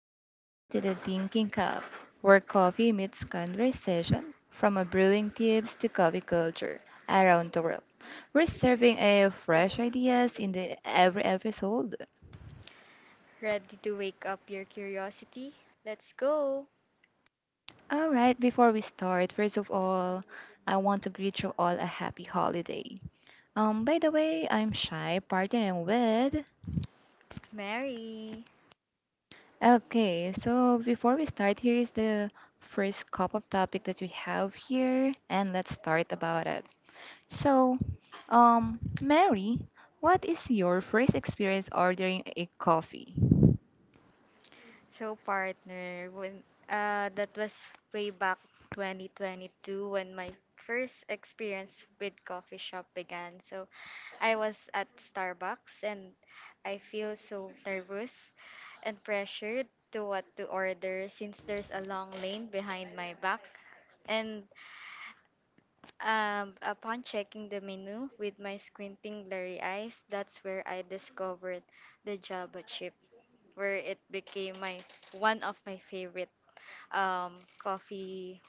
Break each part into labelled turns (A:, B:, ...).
A: welcome to the Thinking Cup, where coffee meets conversation from a brewing tips to coffee culture around the world. We're serving a fresh ideas in the every episode.
B: Ready to wake up your curiosity? Let's go,
A: All right, before we start, first of all, I want to greet you all a happy holiday. By the way, I'm Shy, partnering with.
B: Mary.
A: Okay, so before we start, here is the first cup of topic that we have here, and let's start about it. So, Mary, what is your first experience ordering a coffee?
B: So, partner, when that was way back 2022 when my first experience with coffee shop began. So, I was at Starbucks and I feel so nervous and pressured to what to order since there's a long lane behind my back and upon checking the menu with my squinting blurry eyes, that's where I discovered the Java chip, where it became my one of my favorite coffee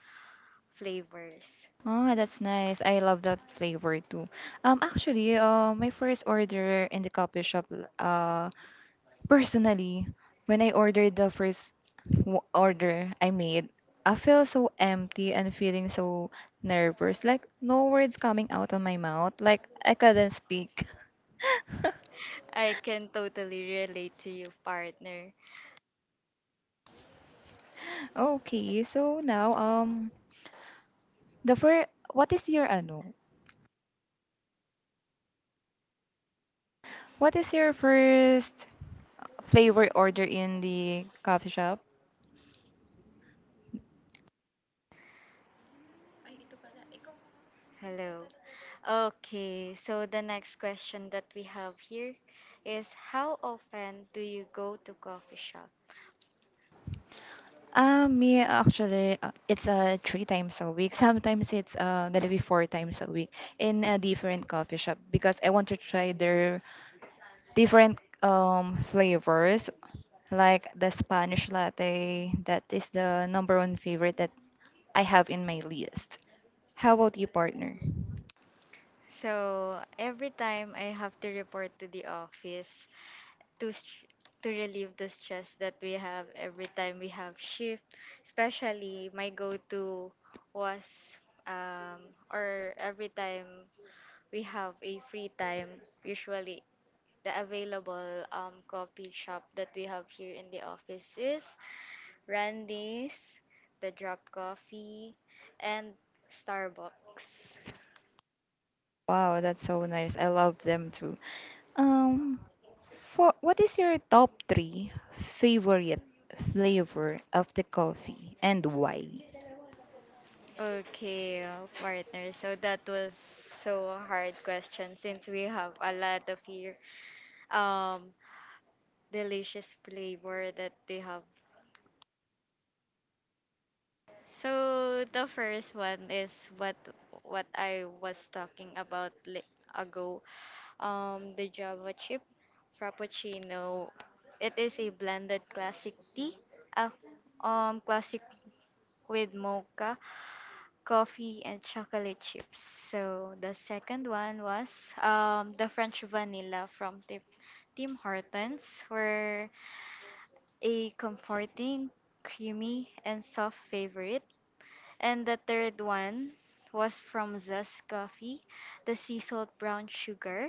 B: flavors.
A: Oh, that's nice. I love that flavor too. Actually, my first order in the coffee shop, personally, when I ordered the first order I made, I feel so empty and feeling so nervous. Like no words coming out of my mouth. Like I couldn't speak.
B: I can totally relate to you, partner.
A: Okay, so now, the first, what is your ano? What is your first flavor order in the coffee shop?
B: Hello. Okay, so the next question that we have here is how often do you go to coffee shop?
A: Me actually, it's three times a week. Sometimes it's gonna be four times a week in a different coffee shop because I want to try their different flavors, like the Spanish latte. That is the number one favorite that I have in my list. How about you, partner?
B: So every time I have to report to the office, to str- to relieve the stress that we have every time we have shift. Especially my go-to was um or every time we have a free time, usually the available coffee shop that we have here in the office is Randy's, the Drop Coffee, and Starbucks.
A: Wow, that's so nice. I love them too. Um, For what is your top three favorite flavor of the coffee and why?
B: Okay, partner. So that was so a hard question since we have a lot of here um delicious flavor that they have. So the first one is what I was talking about ago. The Java chip frappuccino. It is a blended classic tea, uh, classic with mocha, coffee, and chocolate chips. So the second one was the French vanilla from Tim Hortons, where a comforting, creamy, and soft favorite. And the third one was from Zest Coffee, the sea salt brown sugar.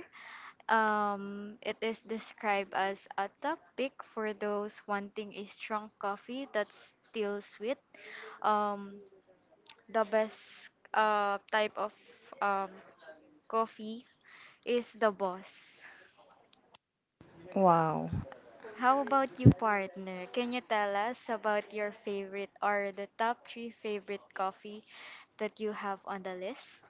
B: It is described as a top pick for those wanting a strong coffee that's still sweet. Um, the best type of um, coffee is the boss.
A: Wow.
B: How about you, partner? Can you tell us about your favorite or the top three favorite coffee that you have on the list?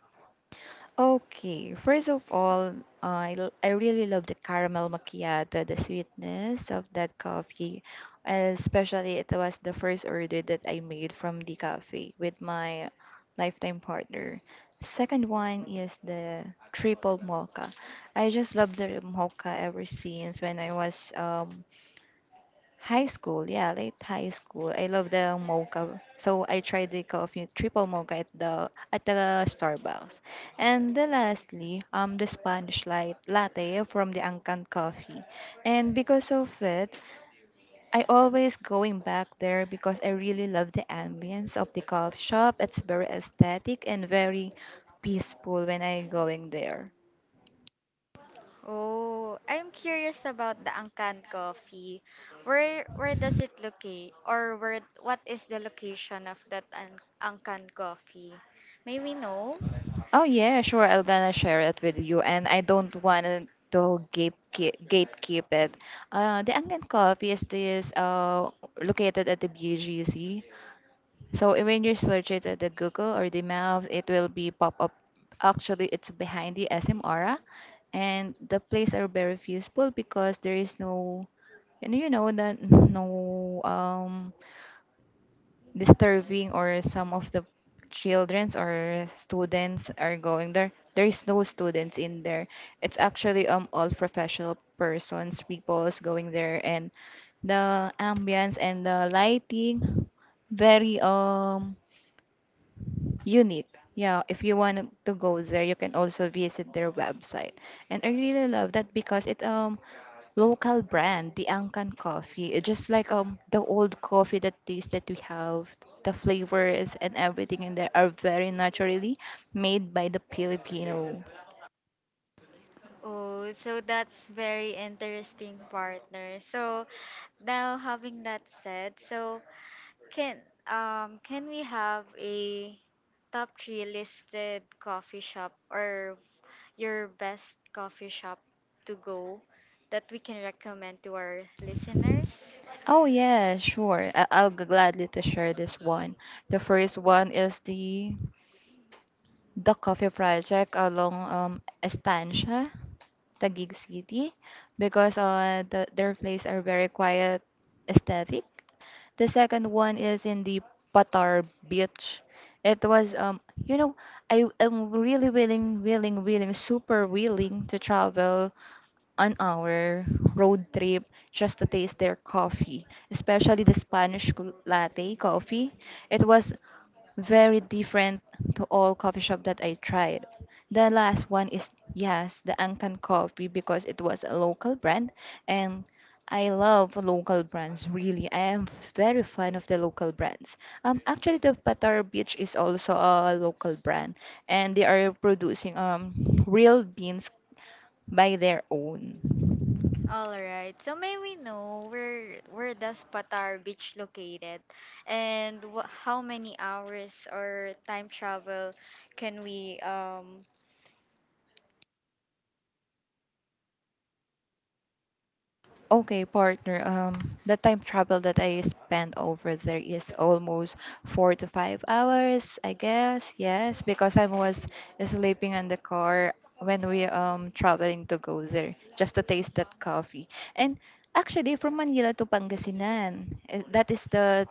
A: Okay. First of all, I really love the caramel macchiato, the sweetness of that coffee, especially it was the first order that I made from the cafe with my lifetime partner. Second one is the triple mocha. I just love the mocha ever since when I was high school, yeah, late high school. I love the mocha. So I tried the coffee triple mocha at the Starbucks. And the lastly, the Spanish light latte from the Angkan Coffee. And because of it, I always going back there because I really love the ambience of the coffee shop. It's very aesthetic and very peaceful when I going there.
B: Oh, I'm curious about the Angkan coffee. Where does it locate, or where what is the location of that Angkan coffee? May we know?
A: Oh yeah, sure. I'm gonna share it with you, and I don't want to gatekeep it. The Angan Coffee is this located at the BGC. So eh, when you search it at the Google or the Maps, it will be pop up. Actually, it's behind the SM Aura, and the place are very peaceful because there is no, and you know that no disturbing or some of the childrens or students are going there, there is no students in there. It's actually all professional persons people's going there, and the ambience and the lighting very unique. Yeah, if you want to go there you can also visit their website. And I really love that because it local brand, the Angkan coffee. It's just like the old coffee that taste that we have, the flavors and everything in there are very naturally made by the Filipino.
B: Oh, so that's very interesting, partner. So now having that said, so Can can we have a top three listed coffee shop or your best coffee shop to go that we can recommend to our listeners?
A: Oh yeah, sure. I'll gladly to share this one. The first one is the coffee project along Estancia, Taguig City, because the, their place are very quiet, aesthetic. The second one is in the Patar Beach. It was you know I am really willing, super willing to travel on our road trip just to taste their coffee, especially the Spanish latte coffee. It was very different to all coffee shop that I tried. The last one is yes, the Ancan coffee because it was a local brand, and I love local brands really. I am very fan of the local brands. Actually the Patar Beach is also a local brand and they are producing real beans by their own.
B: All right. So may we know where does Patar Beach located, and how many hours or time travel can we
A: Okay, partner. The time travel that I spend over there is almost 4 to 5 hours, I guess. Yes, because I was sleeping in the car when we traveling to go there, just to taste that coffee. And actually, from Manila to Pangasinan, eh, that is the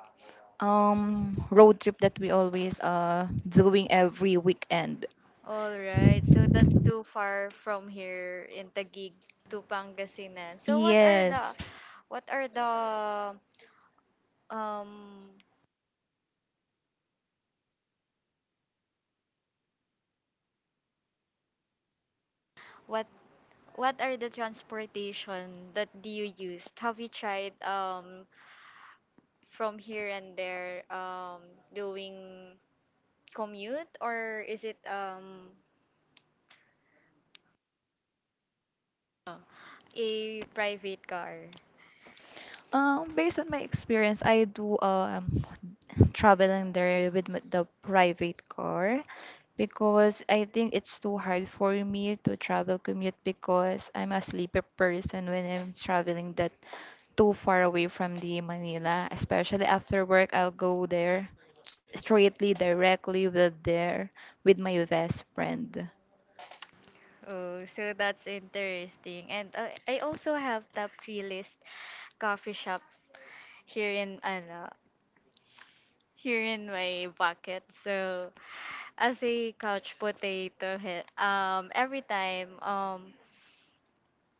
A: road trip that we always doing every weekend.
B: All right. So that's too far from here in Taguig to Pangasinan. So what are the
A: Yes.
B: what are the um what what are the transportation that do you used? Have you tried from here and there doing commute or is it a private car?
A: Based on my experience, I do traveling there with the private car because I think it's too hard for me to travel commute because I'm a sleepy person when I'm traveling that too far away from the Manila. Especially after work, I'll go there straightly directly with there with my best friend.
B: Oh, so that's interesting. And I also have top three list coffee shop here in ano, here in my bucket. So as a couch potato, every time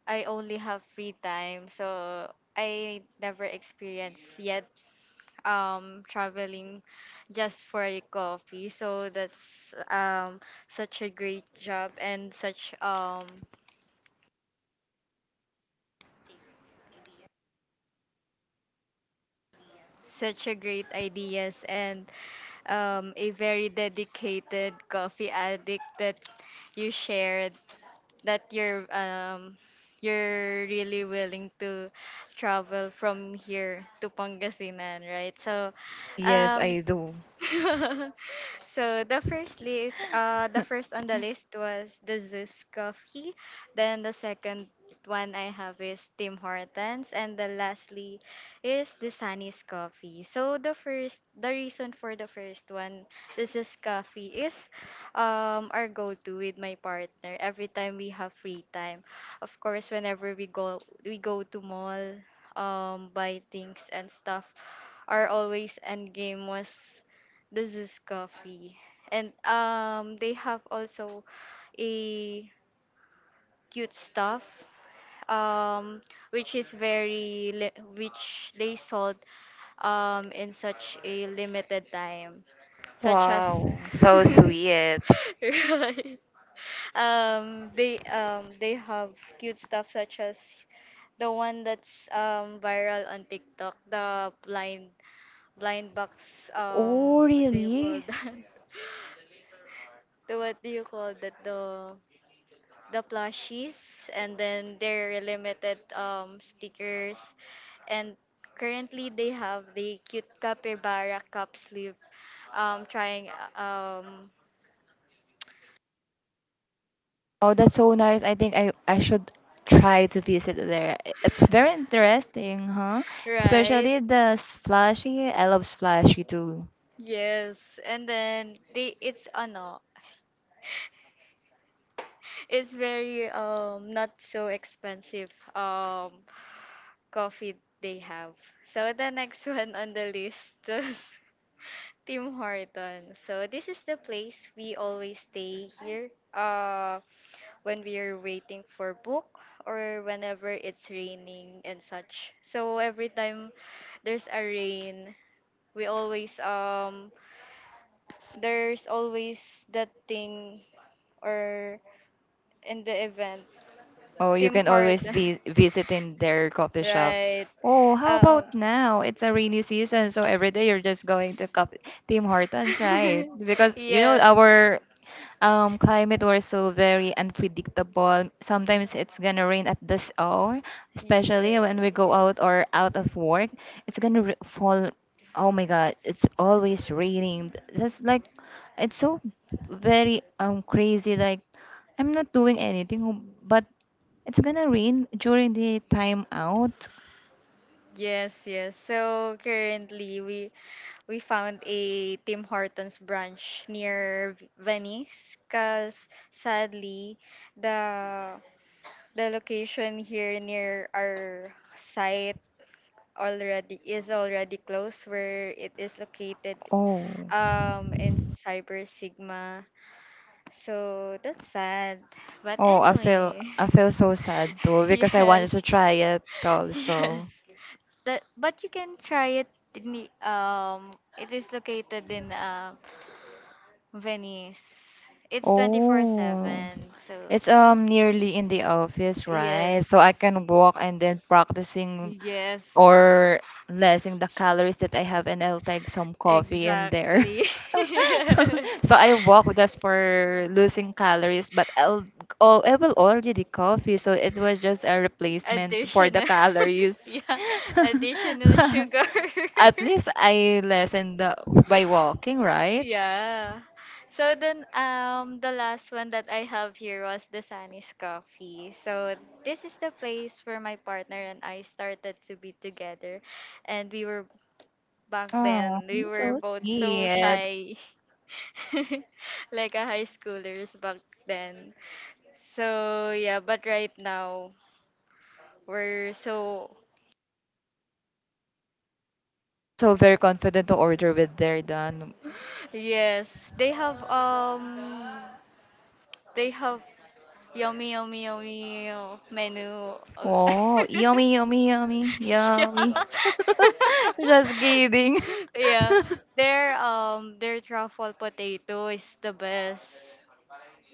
B: I only have free time, so I never experienced yet traveling just for a coffee. So that's such a great job and such a great ideas and a very dedicated coffee addict that you shared that you're really willing to travel from here to Pangasinan, right? So,
A: Yes,
B: um,
A: I do.
B: so the first list, the first on the list was the Zeus coffee. Then the second one I have is Tim Hortons, and the lastly is the Sunny's coffee. So the first, the reason for the first one, the Zeus coffee is, our go-to with my partner every time we have free time. Of course, whenever we go to mall, buy things and stuff our always end game was this is coffee. And they have also a cute stuff um which is which they sold in such a limited time such as
A: Wow, so sweet.
B: right they have cute stuff such as the one that's viral on TikTok the blind box
A: Oh,
B: what do you call
A: really?
B: that the what do you call that the plushies and then their limited stickers and currently they have the cute capybara cup sleeve trying uh, um
A: Oh, that's so nice. I think I should try to visit there. It's very interesting, huh?
B: right
A: Especially the slushy. I love slushy too.
B: yes and then they it's ano it's very not so expensive coffee they have so the next one on the list is Tim Horton. So this is the place we always stay here when we are waiting for book or whenever it's raining and such. So every time there's a rain, we always there's always that thing or in the event
A: Oh, you
B: Tim
A: can always
B: Horton.
A: visit in their coffee shop.
B: right.
A: Oh, how about
B: Um
A: now? It's a rainy season, so every day you're just going to coffee Tim Hortons, right? Because you know
B: yes.
A: our climate was so very unpredictable. Sometimes it's gonna rain at this hour, especially
B: Ye-
A: when we go out or out of work. It's gonna r fall. Oh my God, it's always raining. That's like, it's so very crazy. Like I'm not doing anything, but it's gonna rain during the time out.
B: Yes, yes. So currently we found a Tim Hortons branch near Venice because sadly the the location here near our site already is already closed where it is located
A: Oh,
B: in Cyber Sigma. So that's sad. But
A: oh, I feel
B: anyway,
A: I feel so sad too because I wanted
B: yes,
A: to try it
B: yes.
A: also.
B: That but you can try it in the, it is located in Venice. It's
A: Oh,
B: 24/7. So,
A: it's nearly in the office,
B: yes.
A: right? So I can walk and then practicing
B: Yes,
A: or lessing the calories that I have, and I'll take some coffee in there.
B: exactly.
A: So I walk just for losing calories, but I'll oh I will order the coffee, so it was just a replacement for the
B: Additional.
A: calories.
B: yeah, additional sugar.
A: At least I lessened the, by walking, right?
B: Yeah. So then the last one that I have here was the Sunny's Coffee. So this is the place where my partner and I started to be together and we were back
A: Oh,
B: then we were
A: so
B: both so
A: sweet.
B: shy like a high schoolers back then. So yeah, but right now we're so
A: So very confident to order with their done.
B: yes, they have they have Yummy, yummy, yummy menu. uh,
A: Oh, yummy,
B: yeah.
A: yummy. Just kidding.
B: yeah. Their truffle potato is the best.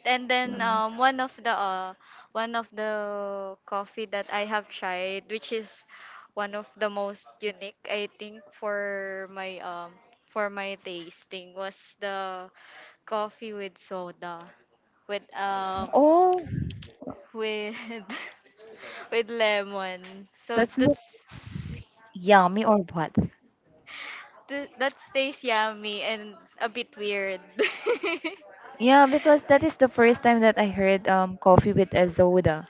B: And then one of the coffee that I have tried, which is one of the most unique I think for my tasting was the coffee with soda with um
A: Oh,
B: with with lemon. So
A: that's not
B: that's
A: s- yummy or what?
B: that stays yummy and a bit weird.
A: Yeah, because that is the first time that I heard coffee with azoda.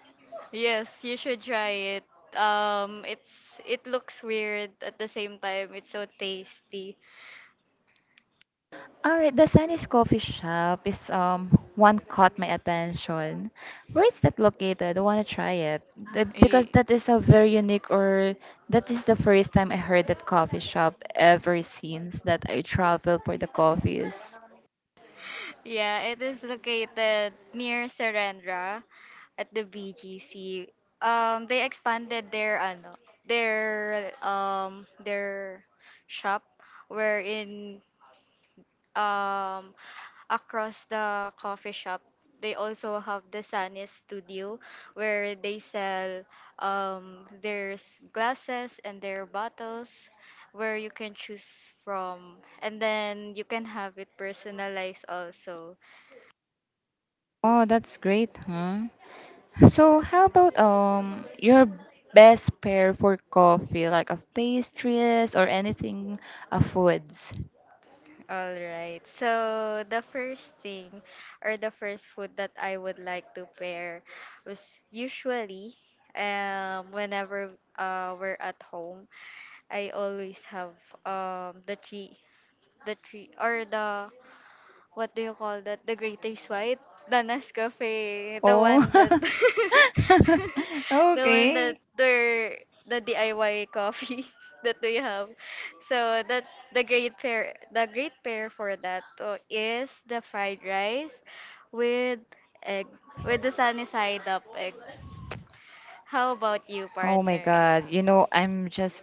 B: yes, you should try it. It's it looks weird at the same time. It's so tasty.
A: Alright, the Sunny's Coffee Shop is one caught my attention. Where is that located? I want to try it. The- because
B: Y-
A: that is a very unique or that is the first time I heard that coffee shop ever since that I travel for the coffees.
B: Yeah, it is located near Serendra at the BGC. They expanded their ano, their their shop wherein um across the coffee shop they also have the Sunny studio where they sell there's glasses and their bottles where you can choose from and then you can have it personalized also
A: Oh, that's great, huh? So how about your best pair for coffee, like a pastries or anything, a foods?
B: all right so the first thing or the first food that I would like to pair was usually whenever we're at home I always have the tree or the what do you call that? The greatest white, the Nescafe, the one that
A: Oh,
B: the one that
A: okay.
B: they're the DIY coffee that we have. So that the great pair for that is the fried rice with egg with the sunny side up egg. How about you,
A: Oh my
B: partner?
A: God, you know, I'm just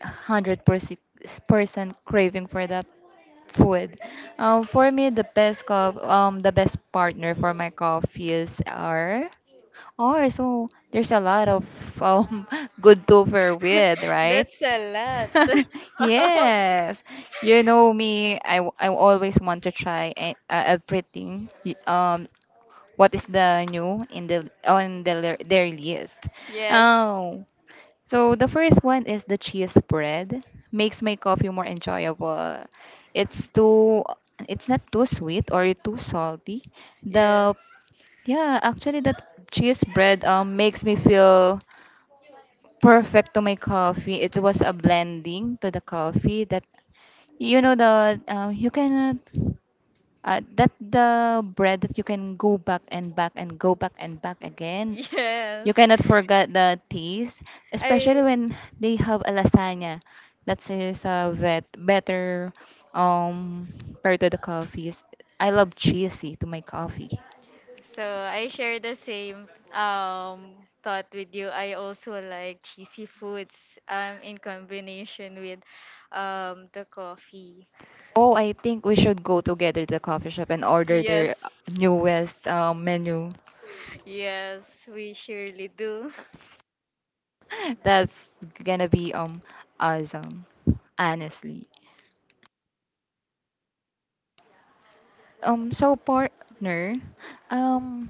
A: 100% craving for that food. For me, the best cup, the best partner for my coffees are so there's a lot of um good to pair with, right?
B: That's a lot.
A: Yes, you know me. I always want to try everything. What is the new in the on the, their list?
B: yes.
A: Oh. So the first one is the cheese bread. Makes my coffee more enjoyable. It's too it's not too sweet or too salty.
B: Yes.
A: The yeah, actually the cheese bread makes me feel perfect to my coffee. It was a blending to the coffee that you know the you cannot that the bread that you can go back and back and go back and back again,
B: Yes.
A: you cannot forget the teas, especially
B: I
A: when they have a lasagna. That is a better um part of the coffees. I love cheesy to my coffee.
B: so I share the same um thought with you. I also like cheesy foods in combination with the coffee.
A: Oh, I think we should go together to the coffee shop and order
B: Yes.
A: their newest menu.
B: Yes, we surely do.
A: That's gonna be awesome, honestly. So partner, um,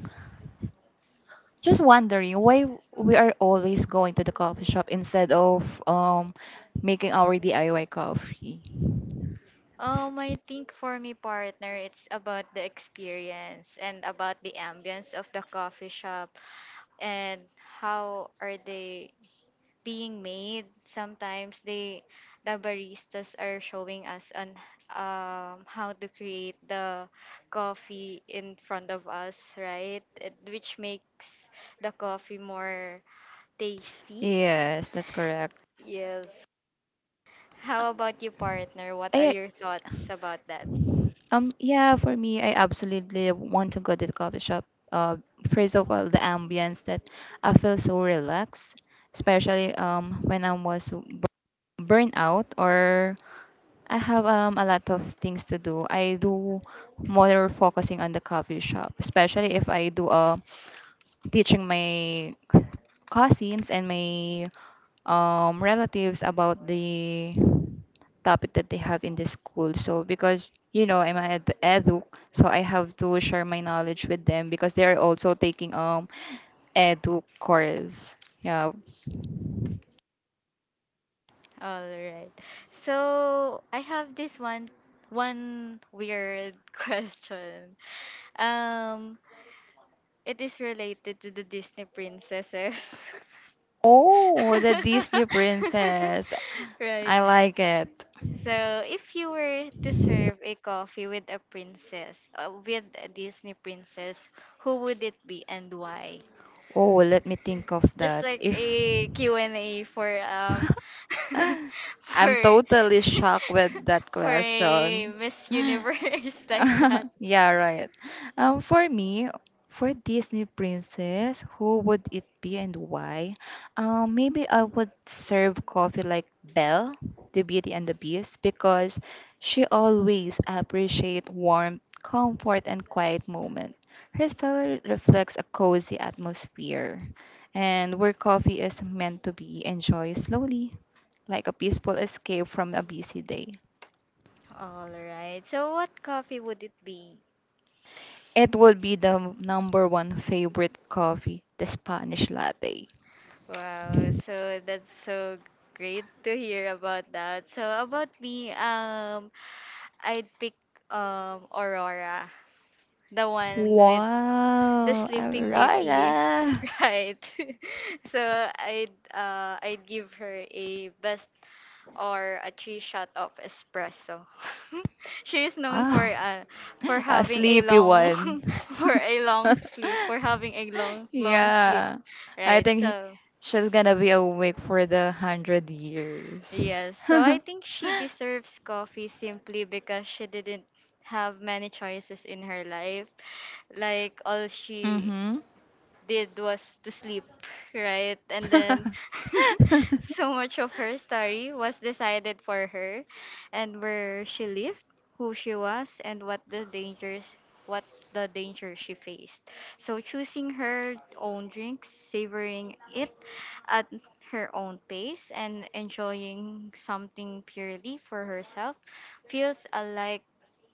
A: just wondering why we are always going to the coffee shop instead of making our DIY coffee.
B: I think for me partner it's about the experience and about the ambience of the coffee shop and how are they being made. Sometimes they the baristas are showing us on how to create the coffee in front of us, right? Which makes the coffee more tasty.
A: Yes, that's correct.
B: Yes. How about you, partner? What are
A: I
B: your thoughts about that?
A: yeah, for me I absolutely want to go to the coffee shop. Uh First of all the ambience that I feel so relaxed, especially when I was burnt out or I have a lot of things to do. I do more focusing on the coffee shop, especially if I do teaching my cousins and my relatives about the topic that they have in the school. So because you know I'm an edu, so I have to share my knowledge with them because they are also taking edu course. Yeah.
B: All right. So I have this one weird question. Um, it is related to the Disney princesses.
A: Oh, the Disney princess.
B: right.
A: I like it.
B: So, if you were to serve a coffee with a princess, with a Disney princess, who would it be and why?
A: Oh, let me think of
B: Just
A: that.
B: like
A: If
B: a Q and a for
A: I'm
B: for
A: totally shocked with that
B: for a
A: question.
B: Miss Universe like that.
A: Yeah, right. For me, for Disney princess, who would it be and why? Maybe I would serve coffee like Belle, the Beauty and the Beast, because she always appreciate warmth, comfort, and quiet moment. Her style reflects a cozy atmosphere, and where coffee is meant to be enjoyed slowly, like a peaceful escape from a busy day.
B: All right. So, what coffee would it be?
A: It would be the number one favorite coffee, the Spanish latte.
B: Wow. So that's so great to hear about that. So about me, I'd pick Aurora, the one with the
A: Wow,
B: Sleeping Beauty,
A: Aurora.
B: right? so I'd give her a best or a three shot of espresso. she is known
A: Wow,
B: for
A: a
B: having a
A: sleepy
B: long
A: one.
B: for a long sleep for having a long sleep,
A: Yeah, I
B: right?
A: think
B: So
A: she's gonna be awake for the hundred years.
B: yes, so I think she deserves coffee simply because she didn't have many choices in her life like all she
A: Mhm.
B: did was to sleep, right? And then so much of her story was decided for her and where she lived, who she was, and what the dangers what the danger she faced. So choosing her own drinks, savoring it at her own pace and enjoying something purely for herself feels alike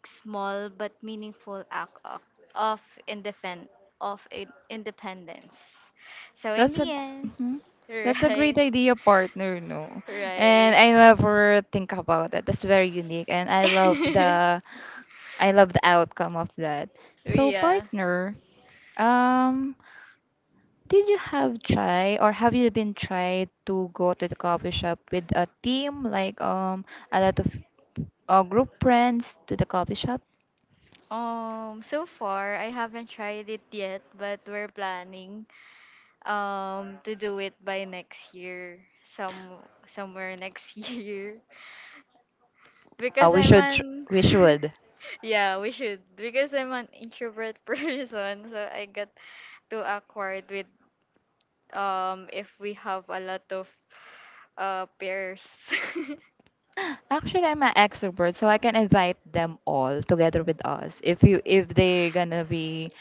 B: small but meaningful act of, independ, of independence. So, in
A: That's a
B: the end,
A: mhm. That's a great
B: right,
A: idea, partner. No, and
B: right.
A: I never think about that. That's very unique, and I love the outcome of that. So,
B: yeah.
A: partner, um, did you have try or have you been tried to go to the coffee shop with a team, like a lot of group friends to the coffee shop?
B: So far, I haven't tried it yet, but we're planning to do it by next year, some somewhere next year, because
A: We
B: I'm
A: should.
B: an yeah, we should because I'm an introvert person, so I got too awkward with if we have a lot of pairs.
A: Actually, I'm an extrovert, so I can invite them all together with us. If they're gonna be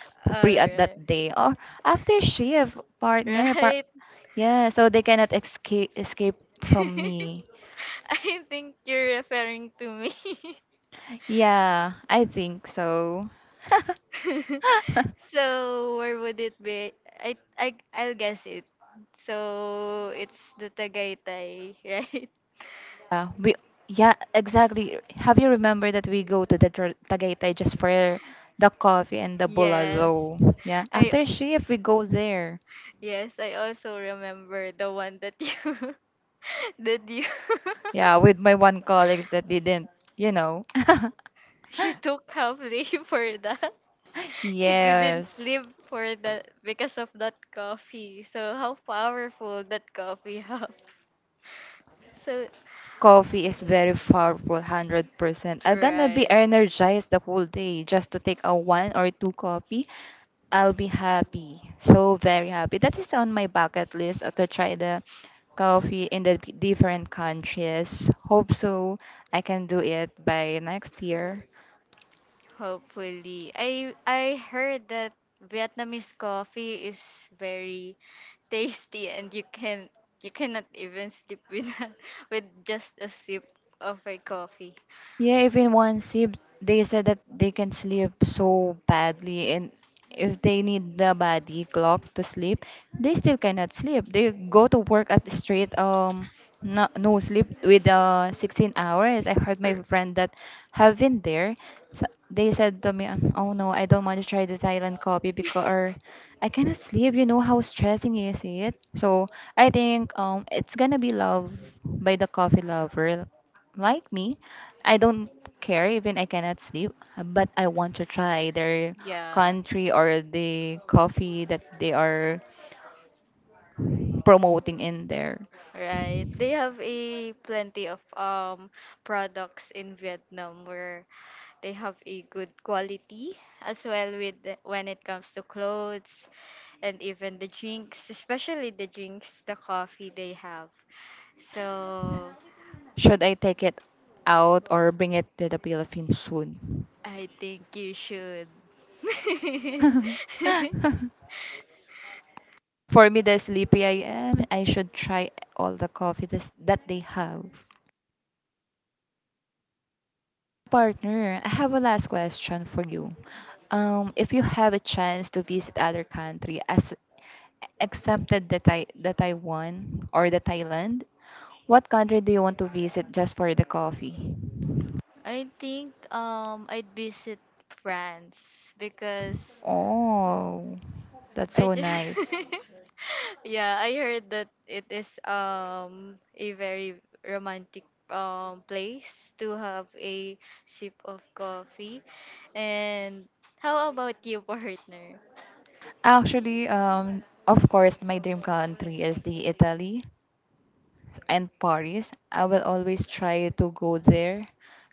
A: free at that
B: Alright.
A: day or after shift,
B: Right.
A: partner, par
B: Right.
A: yeah, so they cannot escape from me.
B: I think you're referring to me.
A: Yeah, I think so.
B: so where would it be? I'll guess it. So it's the Tagaytay, right?
A: Yeah, we yeah, exactly. Have you remember that we go to the Tagaytay just for the coffee and the
B: Yes.
A: bulalo? Yeah,
B: I
A: after shift we go there.
B: yes, I also remember the one that you that you
A: Yeah, with my one colleagues that didn't, you know.
B: you took half day for that. She couldn't
A: Yes.
B: sleep for that because of that coffee. So how powerful that coffee helps. So
A: Coffee is very powerful, 100%. I'm gonna be
B: right.
A: energized the whole day just to take a one or two coffee. I'll be happy. So very happy. That is on my bucket list to try the coffee in the different countries. Hope so I can do it by next year.
B: Hopefully. I heard that Vietnamese coffee is very tasty and you cannot even sleep with with just a sip of a coffee.
A: Yeah, if in one sip, they said that they can sleep so badly, and if they need the body clock to sleep, they still cannot sleep. They go to work at straight no, no sleep with 16 hours. I heard my
B: R-
A: friend that have been there. So they said to me, "Oh no, I don't want to try the Thailand coffee because or I cannot sleep. You know how stressing is it." So I think it's gonna be love by the coffee lover like me. I don't care even I cannot sleep, but I want to try their
B: Yeah,
A: country or the coffee that they are promoting in there.
B: right. They have a plenty of products in Vietnam where they have a good quality as well with when it comes to clothes and even the drinks, especially the drinks, the coffee they have. So
A: Should I take it out or bring it to the Philippines soon?
B: I think you should.
A: For me, the sleepy I am, I should try all the coffee this, that they have. Partner, I have a last question for you. If you have a chance to visit other country as excepted the, the Taiwan or the Thailand, what country do you want to visit just for the coffee?
B: I think I'd visit France because
A: Oh, that's
B: I
A: so
B: just
A: nice.
B: Yeah, I heard that it is a very romantic place to have a sip of coffee. And how about you, partner?
A: Actually, of course, my dream country is the Italy and Paris. I will always try to go there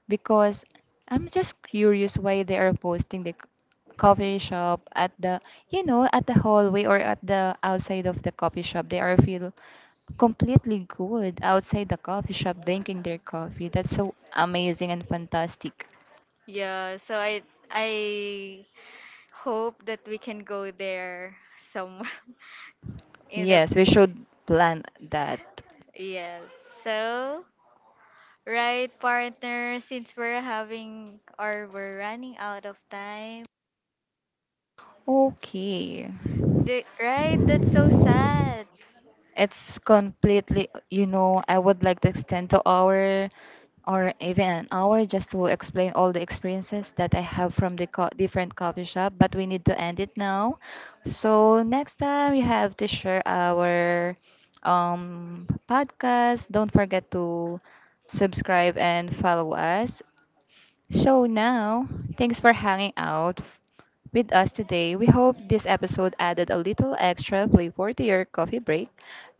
A: because I'm just curious why they are posting the coffee shop at the, you know, at the hallway or at the outside of the coffee shop. They are feel completely good outside the coffee shop drinking their coffee. That's so amazing and fantastic.
B: Yeah, so I hope that we can go there some in the
A: Yes, we should plan that.
B: yes. So right partner, since we're having or we're running out of time.
A: Okay.
B: The, right, that's so sad.
A: It's completely, you know, I would like to extend to hour or even an hour just to explain all the experiences that I have from the different coffee shop, but we need to end it now. So next time you have to share our podcast. Don't forget to subscribe and follow us. So now, thanks for hanging out with us today. We hope this episode added a little extra flavor to your coffee break.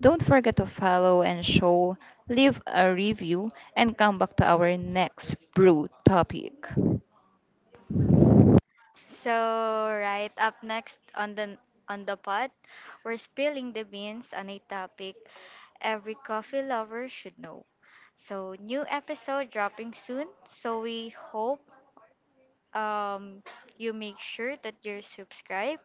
A: Don't forget to follow and show, leave a review, and come back to our next brew topic.
B: So right up next on the pod, we're spilling the beans on a topic every coffee lover should know. So new episode dropping soon. So we hope um you make sure that you're subscribed.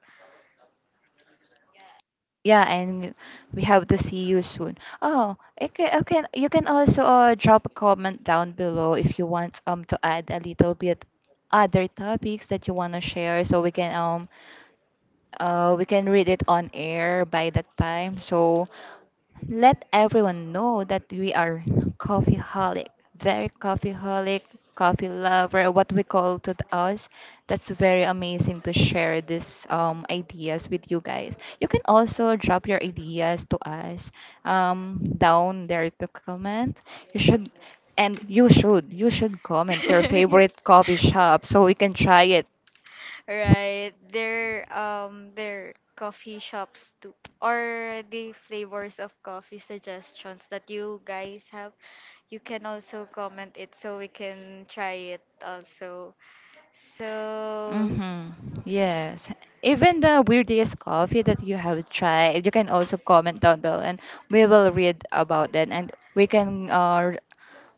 A: Yeah, and we have to see you soon. Oh, okay, okay. You can also drop a comment down below if you want to add a little bit other topics that you want to share so we can read it on air by that time. So let everyone know that we are coffeeholic, very coffeeholic, coffee lover, what we call to us. That's very amazing to share these ideas with you guys. You can also drop your ideas to us, down there to comment. You should you should comment your favorite coffee shop so we can try it.
B: right. There coffee shops too. Or the flavors of coffee suggestions that you guys have. You can also comment it so we can try it also. So,
A: Mm-hmm. Yes. Even the weirdest coffee that you have tried, you can also comment down below and we will read about that, and we can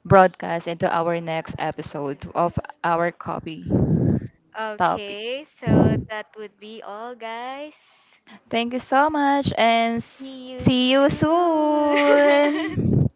A: broadcast into our next episode of our coffee topic.
B: okay, so that would be all, guys.
A: Thank you so much and
B: See
A: see
B: you
A: you
B: soon. Soon.
A: soon.